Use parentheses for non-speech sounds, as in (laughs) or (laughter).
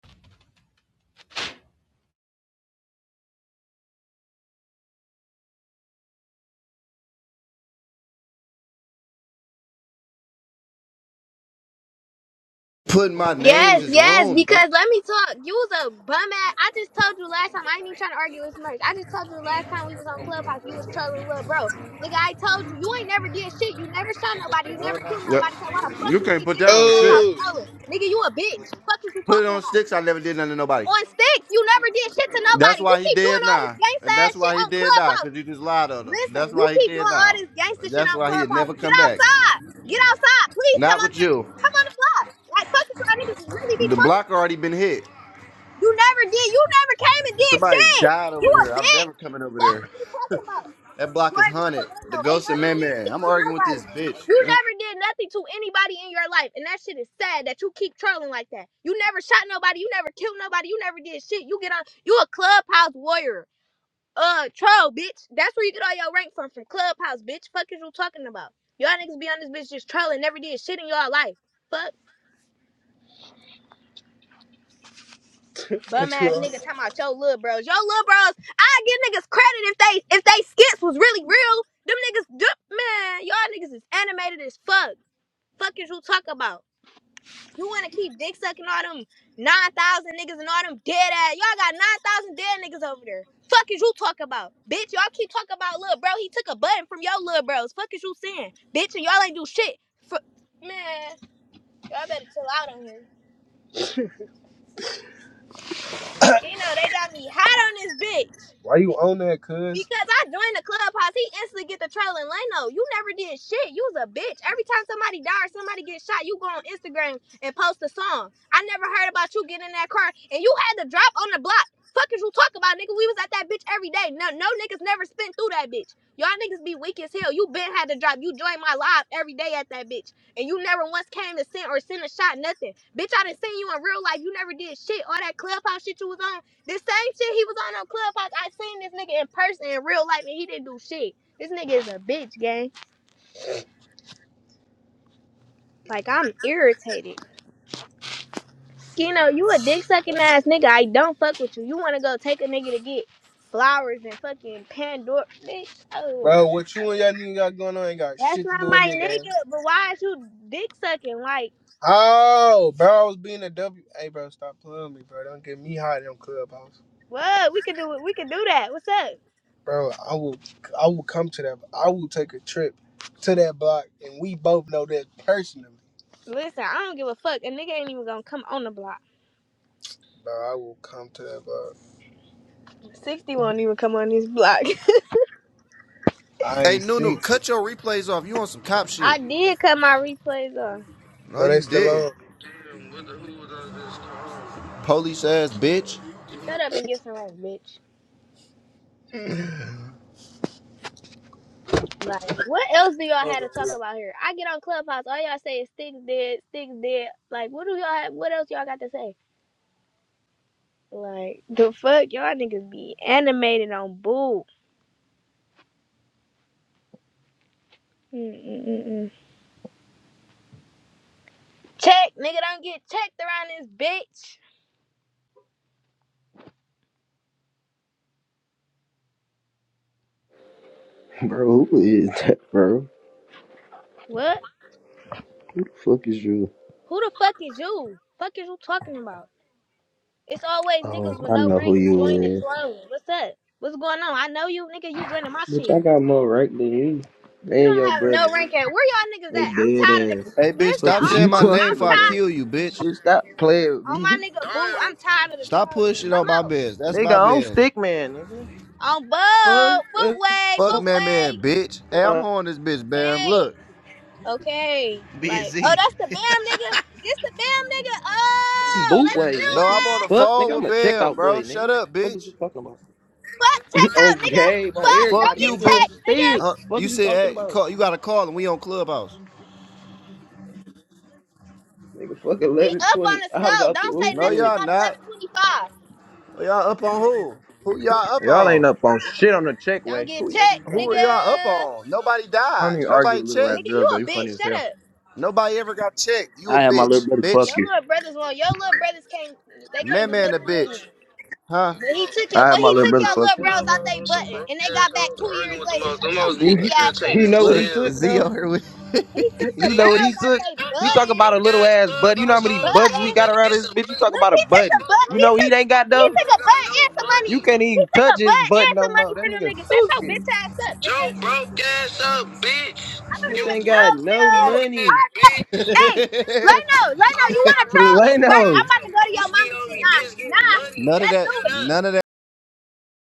Putting my names Yes, is yes, rooms, gang. because let me talk. You was a bum ass. I just told you last time. I ain't even trying to argue with Merch. I just told you last time we was on Clubhouse, you was trolling little bro. Nigga, I told you, you ain't never did shit. You never shot nobody. You never killed Yep. nobody. So why the fuck You you can't keep put getting that on on shit. Clubhouse Oh, trolling? Nigga, you a bitch. Fuck is you Put it talking on about? sticks. I never did nothing to nobody. On sticks, you never did shit to That's nobody. You why he keep doing dead all this now. gangsta And ass that's shit why he on dead now. Clubhouse. Cause you just lied on him. Listen, That's you why he keep dead doing all now. this gangsta shit That's on why he had Clubhouse. never Get come back. outside. Get outside. Please come Not on with that. you. Come on the block. Like, fuck is y'all niggas really be The talking about? block already been hit. You never did. You never came and did Somebody shit. died over You a there. I'm bitch. never coming over Fuck there. what you talking about. That block is Boy, no, haunted. no, The no. Ain't ghost of never man did man. shit I'm to arguing with nobody. this You bitch. never did nothing to anybody in your life, and that shit is sad that you keep trolling like that. You never shot nobody. You never killed nobody. You never did shit. You get on. You a clubhouse warrior. Uh, troll, bitch. That's where you get all your rank from, from clubhouse, bitch. Fuck is you talking about? Y'all niggas be on this bitch just trolling, never did shit in y'all life. Fuck. bum what you, ass on? nigga talking about your little bros. Your little bros, I give niggas credit if they if they skits was really real. Them niggas, d- man, y'all niggas is animated as fuck. Fuck is you talk about? You wanna keep dick sucking all them nine thousand niggas and all them dead ass. Y'all got nine thousand dead niggas over there. Fuck is you talk about, bitch? Y'all keep talking about little bro. He took a button from your little bros. Fuck is you saying, bitch? And y'all ain't do shit. Fu- man, y'all better chill out on here. You know they got me hot on this bitch. why you on that, cuz? Because I joined the clubhouse, he instantly get the trailing Leno. You never did shit. You was a bitch. Every time somebody died, or somebody get shot, you go on Instagram and post a song. I never heard about you getting in that car and you had to drop on the block. Fuckers, you talk about, nigga? We was at that bitch every day. No, no niggas never spent through that bitch. Y'all niggas be weak as hell. You been had to drop. You joined my live every day at that bitch. And you never once came to send or send a shot, nothing. Bitch, I done seen you in real life. You never did shit. All that clubhouse shit you was on. This same shit he was on on Clubhouse. I seen this nigga in person in real life, and he didn't do shit. This nigga is a bitch, gang. Like I'm irritated. Skino, you a dick sucking ass nigga. I don't fuck with you. You wanna go take a nigga to get flowers and fucking Pandora, bitch. Oh, Bro, what you and y'all nigga got going on ain't got that's shit to not do with my me, gang. nigga. But why is you dick sucking? Like, Oh, bro, I was being a W. Hey, bro, stop playing with me, bro. Don't get me hot in them clubhouse, what? We could do it. We could do that. What's up? bro. I will, I will come to that. I will take a trip to that block, and we both know that personally, Listen, I don't give a fuck. A nigga ain't even gonna come on the block. bro. I will come to that block. Sixty won't even come on this block. I Hey, ain't Nunu, sixty. cut your replays off. You on some cop (laughs) I shit. did cut my replays off. No, No, they you still didn't. on. Police ass bitch. Shut up and get some rest, bitch. Like, what else do y'all have to talk about here? I get on Clubhouse, all y'all say is sticks dead, sticks dead. Like, what do y'all? Have, what else y'all got to say? Like, the fuck y'all niggas be animated on boo. Mm-mm-mm-mm. Check, nigga, don't get checked around this bitch. Bro, who is that, bro? What? Who the fuck is you? Who the fuck is you? Fuck is you talking about? It's always Oh, niggas with I no know who rank you joining is. trolling. What's up? What's going on? I know you, nigga. You joining my Bitch, shit. I got more right than you. You And don't your have no brother. rank at where y'all niggas They at? I'm dead tired of the (laughs) ass. Hey, bitch, listen Fuck stop is on you (laughs) saying boo. my name I'm talking before I tired about? kill you, bitch. Bitch, stop playing with on my me. nigga boo. I'm Damn. tired of the Stop trolling. pushing Bum on my out biz. (laughs) That's my Nigga, I'm biz. stick man, nigga. on boo boot Fuck. way Fuck boot Fuck, man, way. man, bitch. Hey, I'm uh, on this bitch, Bam. Okay, Look. okay. Like oh Busy. that's the bam nigga. This the bam nigga. Oh Boot let's way, do No, nigga. I'm on it. the Fuck, phone nigga, I'm with a Bam, checkout bro. boy, Shut nigga. up, Fuck is bitch. you talking about? Fuck (laughs) checkout, on nigga. Gabe, on Fuck Fuck don't everybody, get you, nigga, on bitch. checked nigga. sticks. Huh? Fuck You is you said, talking hey, about? call, you got to call and we on Clubhouse. Nigga, fuck We up on 1120. the I was scope. out the Don't roof say No, with it. nothing y'all about eleven not. twenty five. Y'all up on who? Who y'all up Y'all ain't on? up on shit on the check Don't way. get Who, What are you checked talking who are nigga. about? y'all up on? Nobody I don't died. even argue Nobody with little ass Nigga checked. you girls though. a You funny bitch. as Shut hell. up. Nobody ever got checked. You a I had my little bitch, brother fuck bitch. Your you. little brothers won't. Your little brothers can't. They can't Man, do man, a nothing with me. bitch, huh? But You he took your. I had But my he little took brother your know, fuck little you you. bros out know, you they know, some button, broke and they ass got back hoes two arguing years with the later. most. Shut Them hoes your be goofy You Look, ass up. irritating you as know what look, he hell. took Z though? over here with. (laughs) He took the You Hey, know what hey, bros he Z, out took? they fuck You talk them button. about a broke little ass ass bud. You know how clubhouse many hoes. Them buttons we hoes Button. got better around get this some bitch? You money. talk Look, about a he took some button. Fuck but. You He know broke what took. he ain't got He though? hoes took who a got button and no some money. You money. can't He even took a touch his button and button no some money more. That from them nigga niggas. Shut your thirsty. bitch ass up, nigga. Joe I broke ass up, bitch. don't Bitch You even ain't know got broke you. no poor ass All money. right. bitch. Hey, Leno, (laughs) Leno, I'm you wanna (laughs) troll? around with Lay It's the merch. no. I'm half about a to go to your booski mama on shit. me, Nah, bitch, getting nah. money, none bitch. of Let's do that it. Shut none up.